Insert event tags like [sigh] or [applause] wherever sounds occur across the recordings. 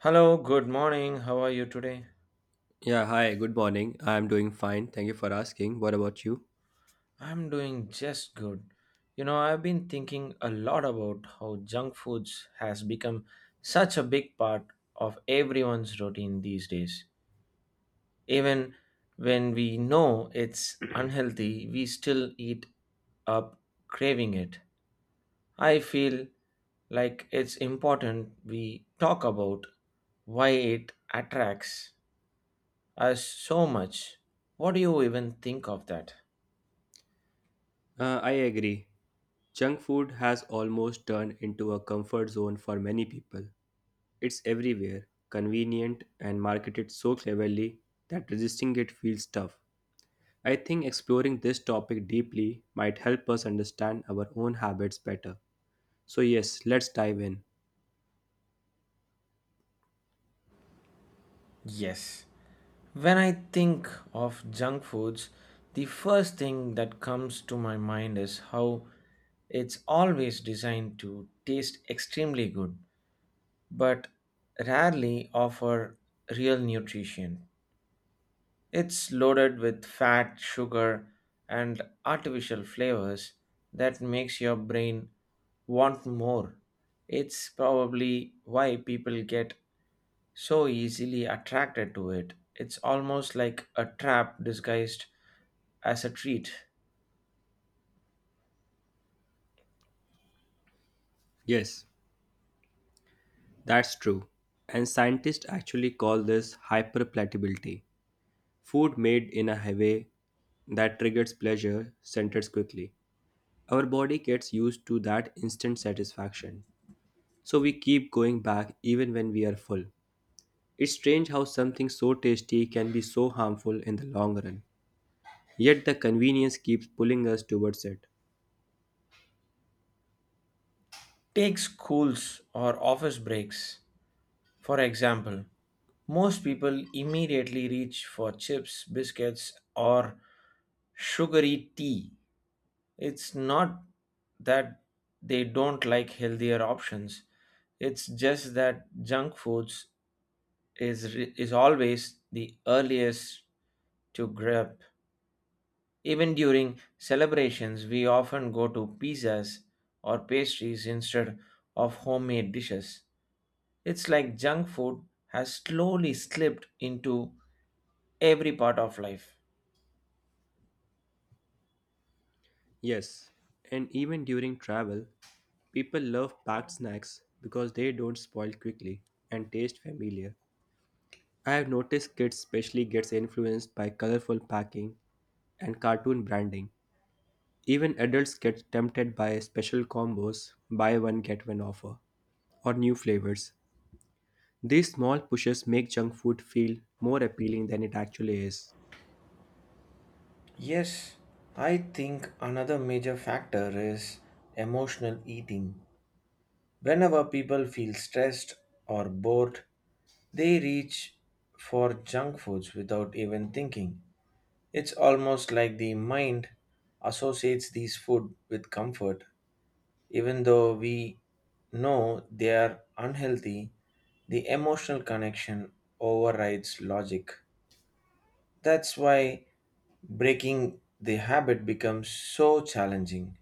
Hello, good morning. How are you today? Yeah, hi, good morning. I'm doing fine. Thank you for asking. What about you? I'm doing just good. You know, I've been thinking a lot about how junk foods has become such a big part of everyone's routine these days. Even when we know it's unhealthy, we still eat up craving it. I feel like it's important we talk about why it attracts us so much. What do you even think of that? I agree. Junk food has almost turned into a comfort zone for many people. It's everywhere, convenient, and marketed so cleverly that resisting it feels tough. I think exploring this topic deeply might help us understand our own habits better. So, yes, let's dive in. Yes. When I think of junk foods, the first thing that comes to my mind is how it's always designed to taste extremely good, but rarely offer real nutrition. It's loaded with fat, sugar, and artificial flavors that makes your brain want more. It's probably why people get so easily attracted to it. It's almost like a trap disguised as a treat. Yes, that's true. And scientists actually call this hyperplatability. Food made in a way that triggers pleasure centers quickly. Our body gets used to that instant satisfaction, so we keep going back even when we are full. It's strange how something so tasty can be so harmful in the long run, yet the convenience keeps pulling us towards it. Take schools or office breaks, for example. Most people immediately reach for chips, biscuits, or sugary tea. It's not that they don't like healthier options, it's just that junk foods is, is always the earliest to grab. Even during celebrations, we often go to pizzas or pastries instead of homemade dishes. It's like junk food has slowly slipped into every part of life. Yes, and even during travel, people love packed snacks because they don't spoil quickly and taste familiar. I have noticed kids especially gets influenced by colorful packing and cartoon branding. Even adults get tempted by special combos, buy one get one offer, or new flavors. These small pushes make junk food feel more appealing than it actually is. Yes, I think another major factor is emotional eating. Whenever people feel stressed or bored, they reach for junk foods without even thinking. It's almost like the mind associates these food with comfort, even though we know they are unhealthy. The emotional connection overrides logic. That's why breaking the habit becomes so challenging.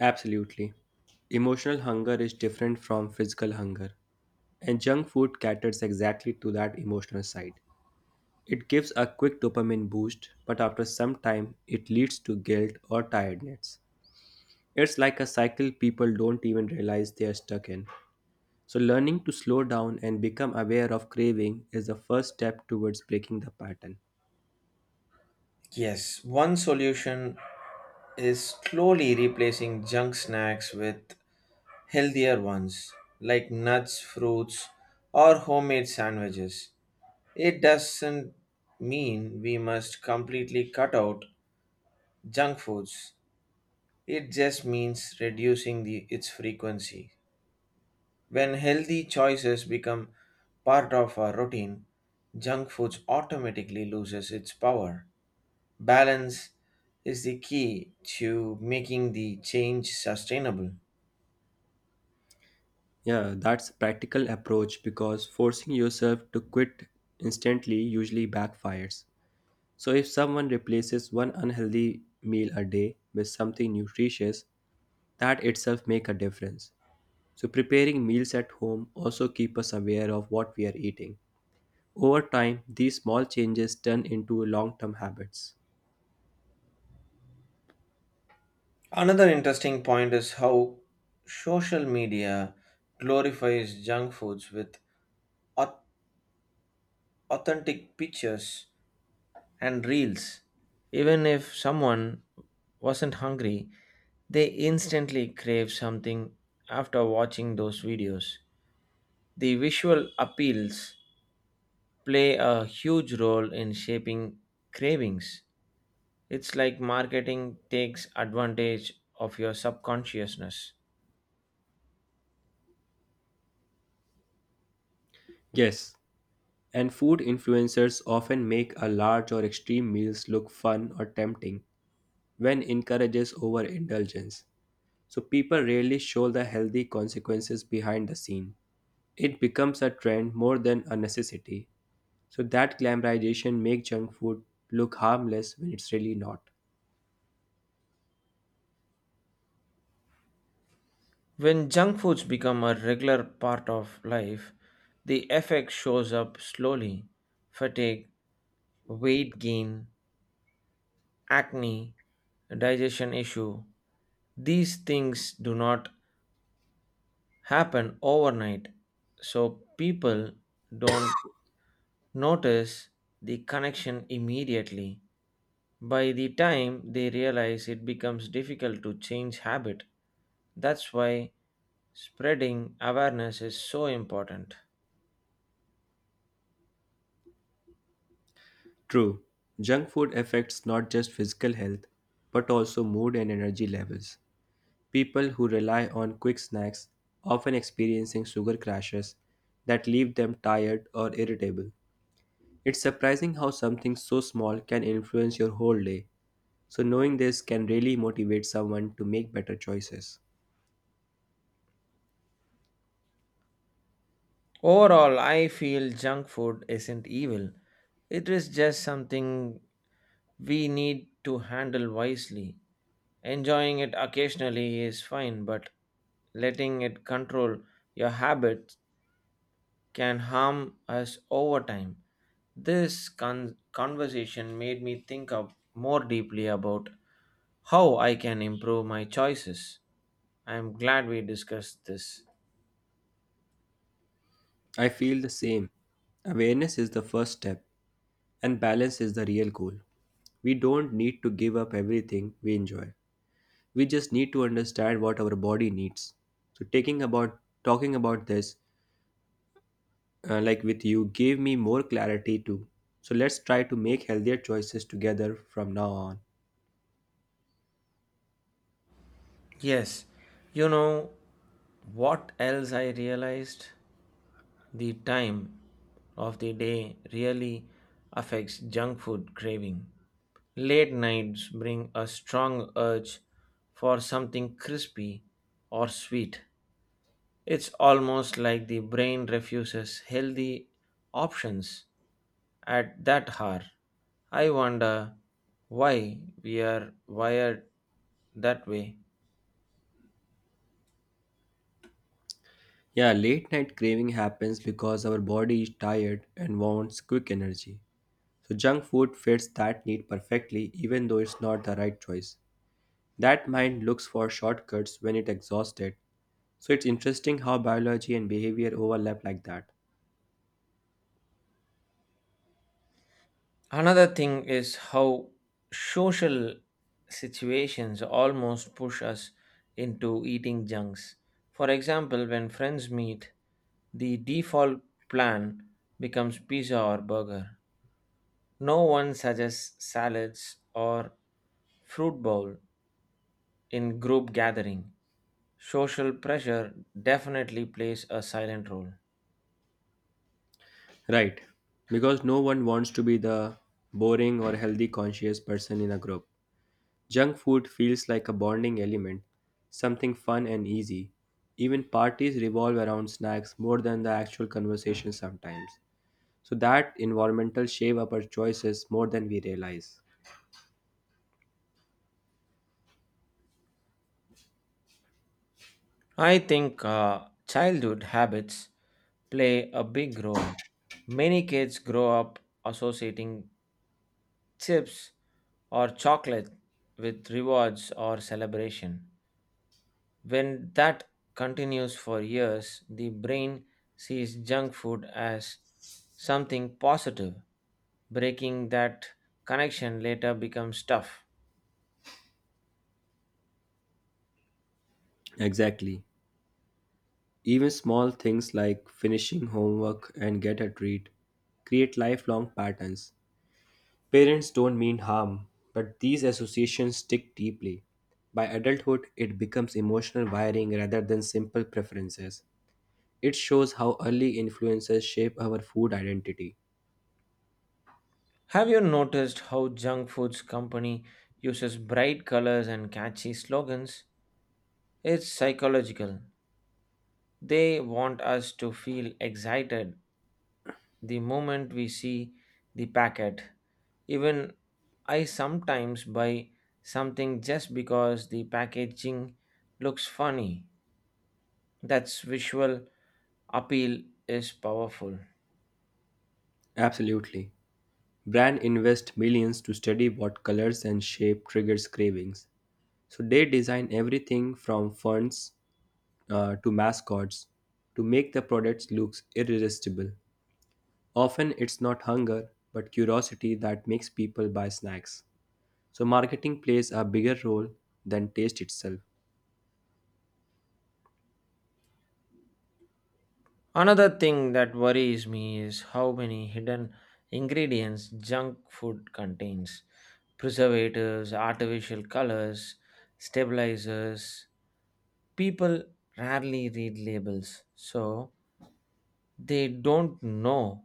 Absolutely. Emotional hunger is different from physical hunger, and junk food caters exactly to that emotional side. It gives a quick dopamine boost, but after some time, it leads to guilt or tiredness. It's like a cycle people don't even realize they are stuck in. So, learning to slow down and become aware of craving is the first step towards breaking the pattern. Yes, one solution is slowly replacing junk snacks with healthier ones like nuts, fruits, or homemade sandwiches. It doesn't mean we must completely cut out junk foods. It just means reducing its frequency. When healthy choices become part of our routine, junk foods automatically loses its power. Balance is the key to making the change sustainable. Yeah, that's a practical approach because forcing yourself to quit instantly usually backfires. So, if someone replaces one unhealthy meal a day with something nutritious, that itself make a difference. So, preparing meals at home also keep us aware of what we are eating. Over time, these small changes turn into long-term habits. Another interesting point is how social media glorifies junk foods with au- authentic pictures and reels. Even if someone wasn't hungry, they instantly crave something after watching those videos. The visual appeals play a huge role in shaping cravings. It's like marketing takes advantage of your subconsciousness. Yes, and food influencers often make a large or extreme meals look fun or tempting when encourages overindulgence. So people rarely show the healthy consequences behind the scene. It becomes a trend more than a necessity. So that glamorization makes junk food look harmless when it's really not. When junk foods become a regular part of life, the effect shows up slowly: fatigue, weight gain, acne, digestion issue. These things do not happen overnight, so people don't notice the connection immediately. By the time they realize, it becomes difficult to change habit. That's why spreading awareness is so important. True, junk food affects not just physical health but also mood and energy levels. People who rely on quick snacks often experiencing sugar crashes that leave them tired or irritable. It's surprising how something so small can influence your whole day. So knowing this can really motivate someone to make better choices. Overall, I feel junk food isn't evil. It is just something we need to handle wisely. Enjoying it occasionally is fine, but letting it control your habits can harm us over time. This conversation made me think of more deeply about how I can improve my choices. I am glad we discussed this. I feel the same. Awareness is the first step and balance is the real goal. We don't need to give up everything we enjoy. We just need to understand what our body needs. So taking about talking about this like with you gave me more clarity too. So let's try to make healthier choices together from now on. Yes, you know what else I realized? The time of the day really affects junk food craving. Late nights bring a strong urge for something crispy or sweet. It's almost like the brain refuses healthy options at that hour. I wonder why we are wired that way. Yeah, late night craving happens because our body is tired and wants quick energy. So junk food fits that need perfectly even though it's not the right choice. That mind looks for shortcuts when it exhausted. So it's interesting how biology and behavior overlap like that. Another thing is how social situations almost push us into eating junks. For example, when friends meet, the default plan becomes pizza or burger. No one suggests salads or fruit bowl in group gathering. Social pressure definitely plays a silent role. Right. Because no one wants to be the boring or healthy conscious person in a group. Junk food feels like a bonding element, something fun and easy. Even parties revolve around snacks more than the actual conversation sometimes. So that environmental shape up our choices more than we realize. I think childhood habits play a big role. Many kids grow up associating chips or chocolate with rewards or celebration. When that continues for years, the brain sees junk food as something positive. Breaking that connection later becomes tough. Exactly. Even small things like finishing homework and get a treat create lifelong patterns. Parents don't mean harm, but these associations stick deeply. By adulthood, it becomes emotional wiring rather than simple preferences. It shows how early influences shape our food identity. Have you noticed how junk foods company uses bright colors and catchy slogans? It's psychological. They want us to feel excited the moment we see the packet. Even I sometimes buy something just because the packaging looks funny. That's visual appeal is powerful. Absolutely. Brands invest millions to study what colors and shape triggers cravings. So they design everything from fonts to mascots to make the products look irresistible. Often it's not hunger but curiosity that makes people buy snacks. So marketing plays a bigger role than taste itself. Another thing that worries me is how many hidden ingredients junk food contains: preservatives, artificial colors, stabilizers. People rarely read labels, so they don't know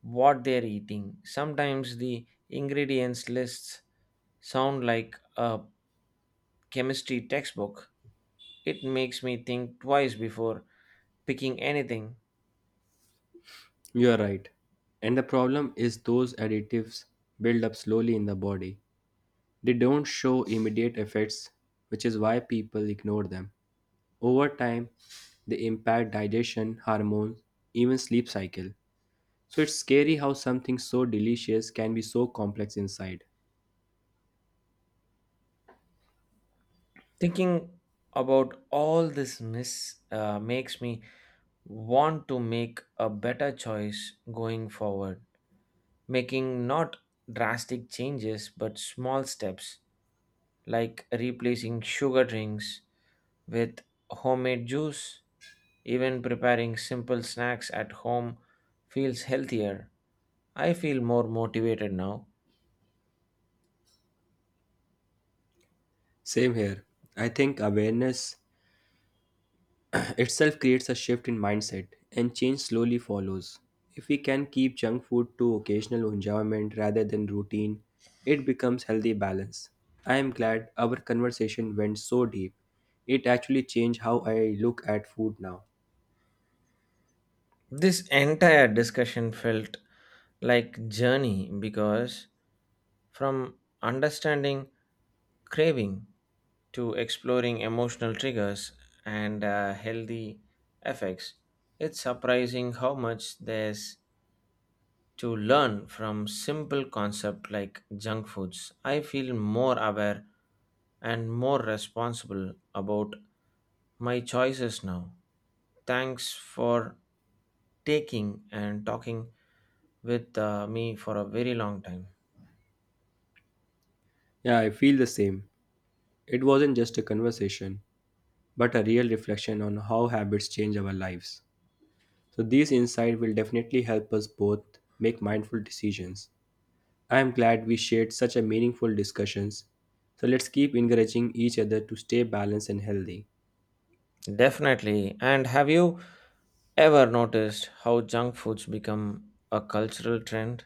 what they're eating. Sometimes the ingredients lists sound like a chemistry textbook. It makes me think twice before picking anything. You are right. And the problem is those additives build up slowly in the body. They don't show immediate effects, which is why people ignore them. Over time, they impact digestion, hormones, even sleep cycle. So it's scary how something so delicious can be so complex inside. Thinking about all this miss makes me want to make a better choice going forward, making not drastic changes but small steps like replacing sugar drinks with homemade juice. Even preparing simple snacks at home feels healthier. I feel more motivated now. Same here. I think awareness itself creates a shift in mindset, and change slowly follows. If we can keep junk food to occasional enjoyment rather than routine, it becomes healthy balance. I am glad our conversation went so deep. It actually changed how I look at food now. This entire discussion felt like journey, because from understanding craving to exploring emotional triggers and healthy effects, it's surprising how much there's to learn from simple concepts like junk foods. I feel more aware and more responsible about my choices now. Thanks for taking and talking with me for a very long time. Yeah, I feel the same. It wasn't just a conversation, but a real reflection on how habits change our lives. So these insights will definitely help us both make mindful decisions. I am glad we shared such a meaningful discussions. So let's keep encouraging each other to stay balanced and healthy. Definitely. And have you ever noticed how junk foods become a cultural trend?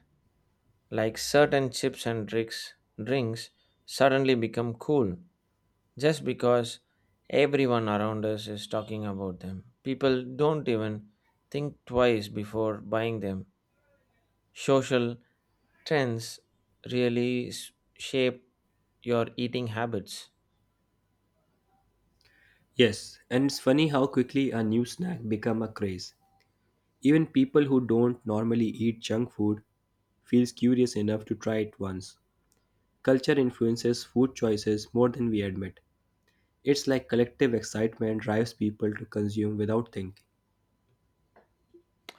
Like certain chips and drinks, drinks suddenly become cool just because everyone around us is talking about them. People don't even think twice before buying them. Social trends really shape your eating habits. Yes, and it's funny how quickly a new snack become a craze. Even people who don't normally eat junk food feels curious enough to try it once. Culture influences food choices more than we admit. It's like collective excitement drives people to consume without thinking.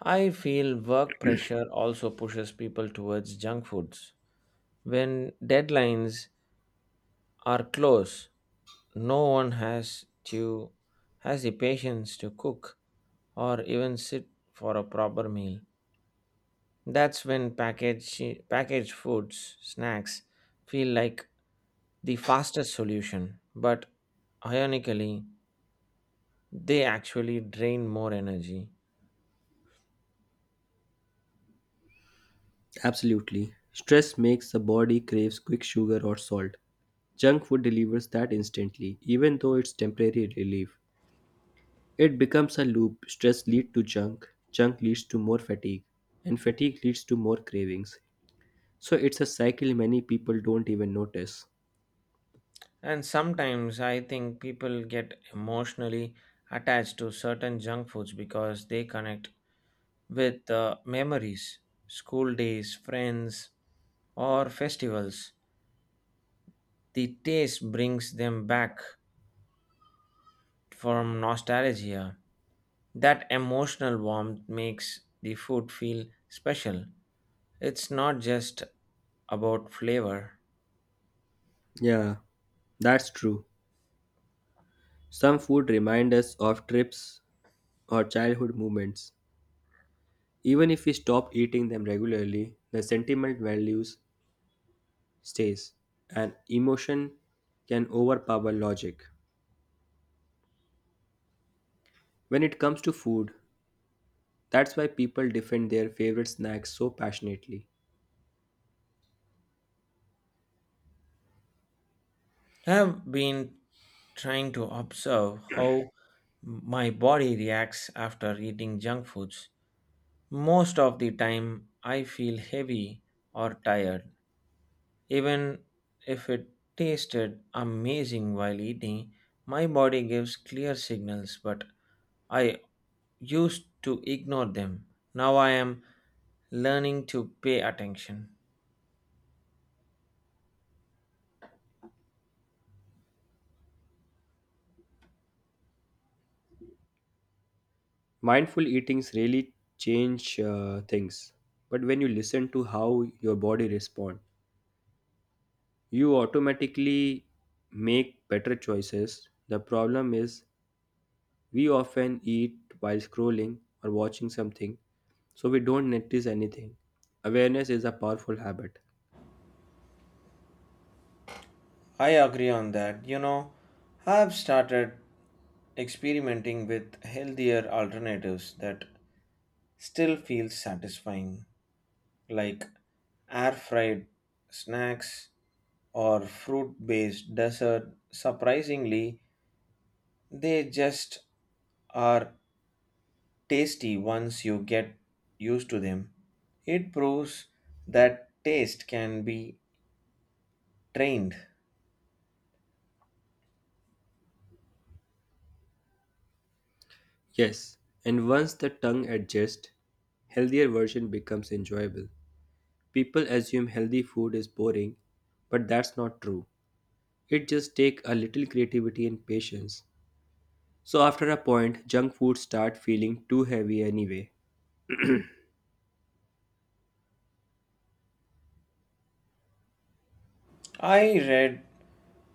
I feel work pressure also pushes people towards junk foods. When deadlines are close, no one has to has the patience to cook or even sit for a proper meal. That's when packaged foods, snacks feel like the fastest solution, but ironically, they actually drain more energy. Absolutely. Stress makes the body craves quick sugar or salt. Junk food delivers that instantly, even though it's temporary relief. It becomes a loop. Stress leads to junk, junk leads to more fatigue, and fatigue leads to more cravings. So it's a cycle many people don't even notice. And sometimes I think people get emotionally attached to certain junk foods because they connect with memories, school days, friends, or festivals. The taste brings them back from nostalgia. That emotional warmth makes the food feel special. It's not just about flavor. Yeah, that's true. Some food remind us of trips or childhood moments. Even if we stop eating them regularly, the sentimental values stays, and emotion can overpower logic. When it comes to food, that's why people defend their favorite snacks so passionately. I have been trying to observe how my body reacts after eating junk foods. Most of the time, I feel heavy or tired. Even if it tasted amazing while eating, my body gives clear signals, but I used to ignore them. Now I am learning to pay attention. Mindful eatings really change things, but when you listen to how your body responds, you automatically make better choices. The problem is we often eat while scrolling or watching something, so we don't notice anything. Awareness is a powerful habit. I agree on that. You know, I've started experimenting with healthier alternatives that still feel satisfying, like air fried snacks or fruit based dessert. Surprisingly, they just are tasty once you get used to them. It proves that taste can be trained. Yes, and once the tongue adjusts, healthier version becomes enjoyable. People assume healthy food is boring, but that's not true. It just takes a little creativity and patience. So after a point, junk food start feeling too heavy anyway. I read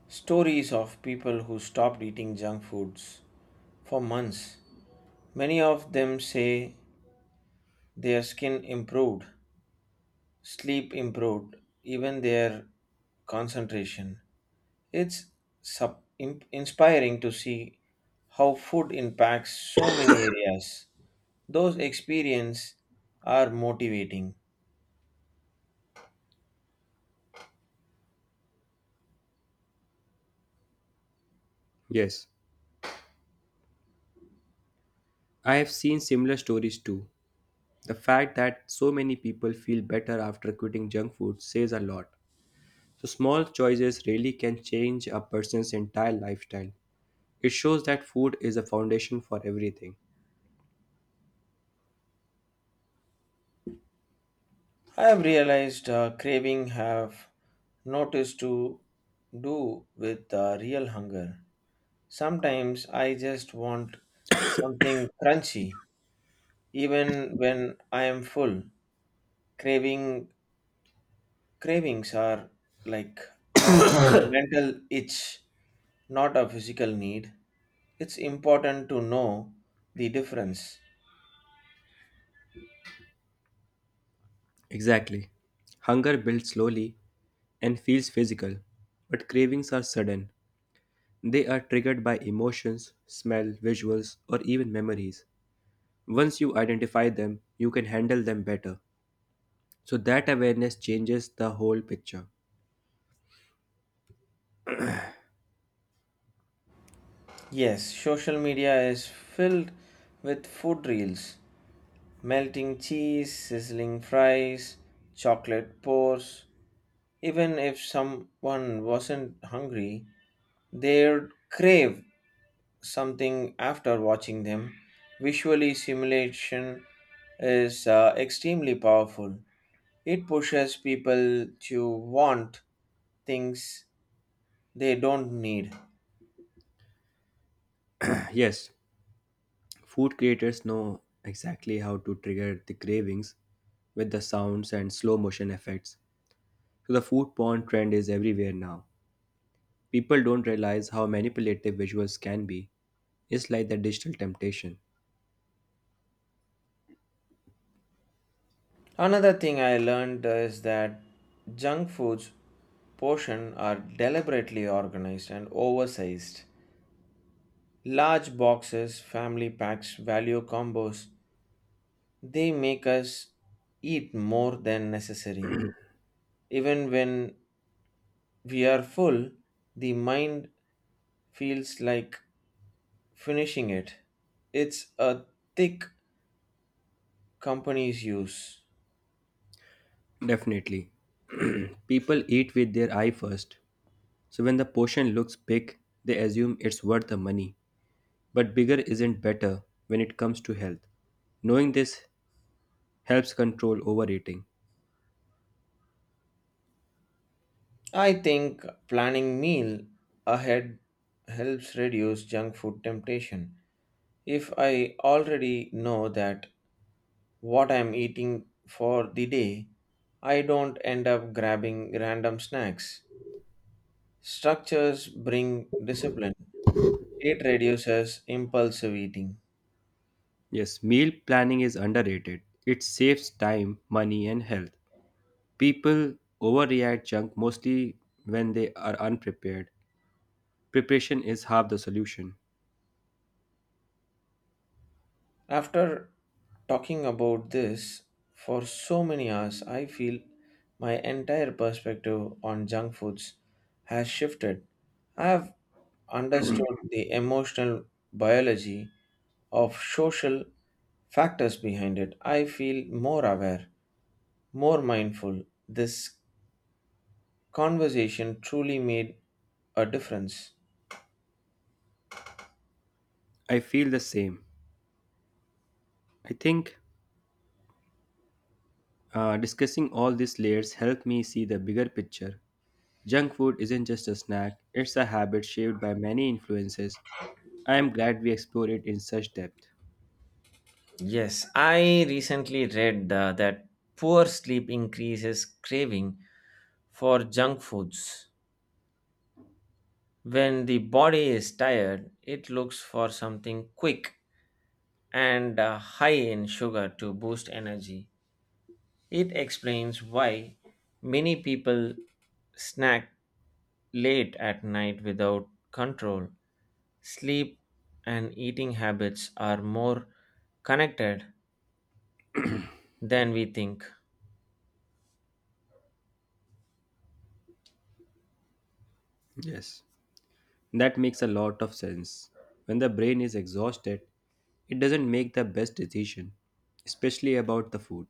stories of people who stopped eating junk foods for months. Many of them say their skin improved, sleep improved, even their concentration. It's inspiring to see how food impacts so many areas. Those experiences are motivating. Yes, I have seen similar stories too. The fact that so many people feel better after quitting junk food says a lot. So small choices really can change a person's entire lifestyle. It shows that food is a foundation for everything. I have realized craving have noticed to do with real hunger. Sometimes I just want something crunchy, even when I am full. Craving Cravings are like a mental itch, not a physical need. It's important to know the difference. Exactly. Hunger builds slowly and feels physical, but cravings are sudden. They are triggered by emotions, smell, visuals, or even memories. Once you identify them, you can handle them better. So that awareness changes the whole picture. Yes, social media is filled with food reels, melting cheese, sizzling fries, chocolate pours. Even if someone wasn't hungry, they'd crave something after watching them. Visually, simulation is extremely powerful. It pushes people to want things they don't need. Yes, food creators know exactly how to trigger the cravings with the sounds and slow motion effects. So the food porn trend is everywhere now. People don't realize how manipulative visuals can be. It's like the digital temptation. Another thing I learned is that junk foods portion are deliberately organized and oversized. Large boxes, family packs, value combos, they make us eat more than necessary. Even when we are full, the mind feels like finishing it. It's a thick company's use. Definitely. [clears throat] People eat with their eye first. So when the portion looks big, they assume it's worth the money. But bigger isn't better when it comes to health. Knowing this helps control overeating. I think planning meal ahead helps reduce junk food temptation. If I already know that what I'm eating for the day, I don't end up grabbing random snacks. Structures bring discipline. It reduces impulsive eating. Yes, meal planning is underrated. It saves time, money, and health. People overreact junk mostly when they are unprepared. Preparation is half the solution. After talking about this for so many hours, I feel my entire perspective on junk foods has shifted. I have understood the emotional biology of social factors behind it. I feel more aware, more mindful. This conversation truly made a difference. I feel the same. I think discussing all these layers helped me see the bigger picture. Junk food isn't just a snack, it's a habit shaped by many influences. I am glad we explored it in such depth. Yes, I recently read that poor sleep increases craving for junk foods. When the body is tired, it looks for something quick and high in sugar to boost energy. It explains why many people snack late at night without control. Sleep and eating habits are more connected than we think. Yes, that makes a lot of sense. When the brain is exhausted, it doesn't make the best decision, especially about the food.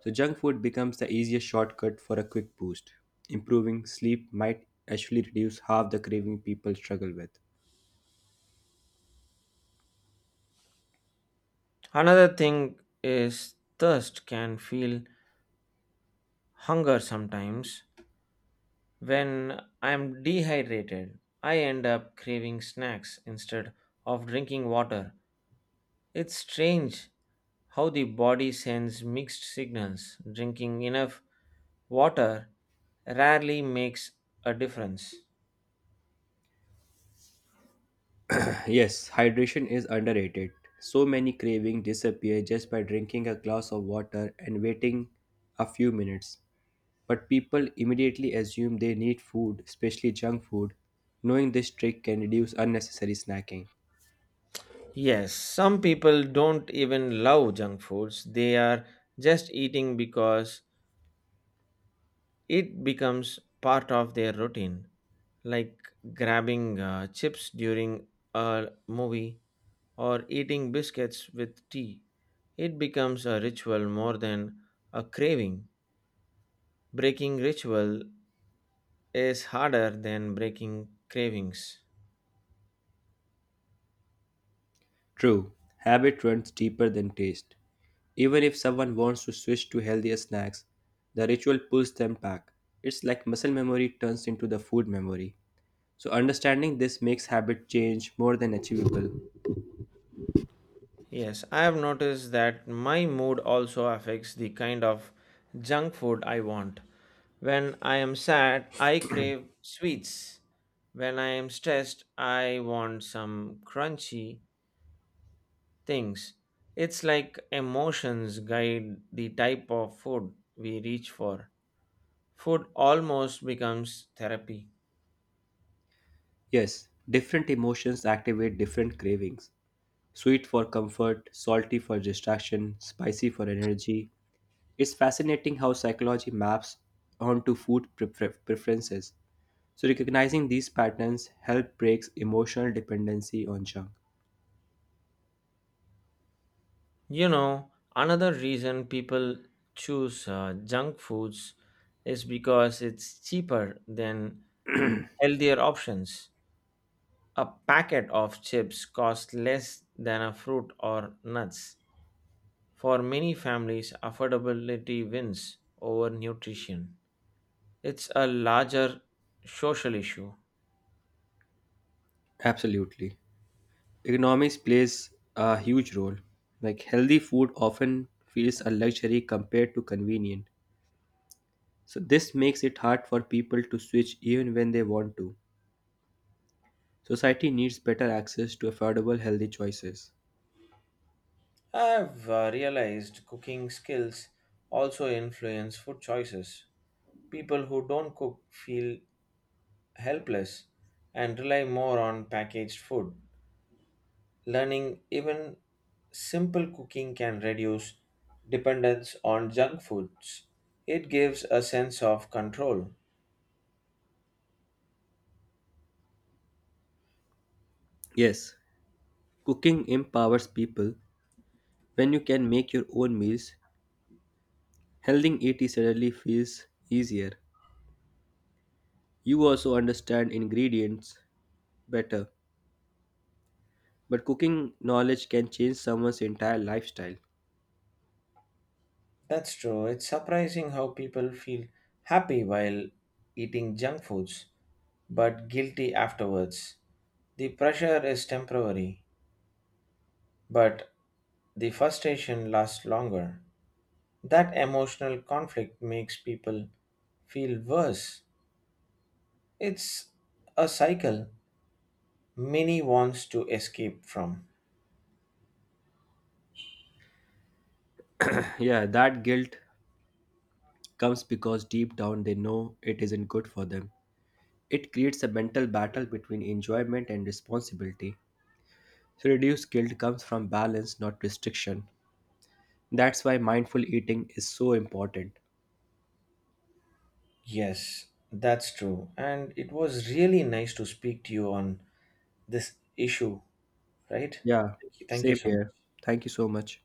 So, junk food becomes the easiest shortcut for a quick boost. Improving sleep might actually reduce half the craving people struggle with. Another thing is thirst can feel hunger sometimes. When I'm dehydrated, I end up craving snacks instead of drinking water. It's strange how the body sends mixed signals. Drinking enough water rarely makes a difference. Yes, hydration is underrated. So many cravings disappear just by drinking a glass of water and waiting a few minutes. But people immediately assume they need food, especially junk food. Knowing this trick can reduce unnecessary snacking. Yes, some people don't even love junk foods. They are just eating because it becomes part of their routine, like grabbing chips during a movie or eating biscuits with tea. It becomes a ritual more than a craving. Breaking ritual is harder than breaking cravings. True, habit runs deeper than taste. Even if someone wants to switch to healthier snacks, the ritual pulls them back. It's like muscle memory turns into the food memory. So understanding this makes habit change more than achievable. Yes, I have noticed that my mood also affects the kind of junk food I want. When I am sad, I crave sweets. When I am stressed, I want some crunchy things. It's like emotions guide the type of food we reach for. Food almost becomes therapy. Yes, different emotions activate different cravings. Sweet for comfort, salty for distraction, spicy for energy. It's fascinating how psychology maps onto food preferences. So recognizing these patterns help breaks emotional dependency on junk. You know, another reason people choose junk foods is because it's cheaper than healthier options. A packet of chips costs less than a fruit or nuts. For many families, affordability wins over nutrition. It's a larger social issue. Absolutely. Economics plays a huge role. Like healthy food often feels a luxury compared to convenient. So this makes it hard for people to switch even when they want to. Society needs better access to affordable, healthy choices. I've realized cooking skills also influence food choices. People who don't cook feel helpless and rely more on packaged food. Learning even simple cooking can reduce dependence on junk foods. It gives a sense of control. Yes, cooking empowers people. When you can make your own meals, healthy eating suddenly feels easier. You also understand ingredients better. But cooking knowledge can change someone's entire lifestyle. That's true. It's surprising how people feel happy while eating junk foods but guilty afterwards. The pressure is temporary, but the frustration lasts longer. That emotional conflict makes people feel worse. It's a cycle many wants to escape from. [sighs] Yeah, that guilt comes because deep down they know it isn't good for them. It creates a mental battle between enjoyment and responsibility. So, reduced guilt comes from balance, not restriction. That's why mindful eating is so important. Yes, that's true. And it was really nice to speak to you on this issue, right? Yeah, Thank you same so much. here. Thank you so much.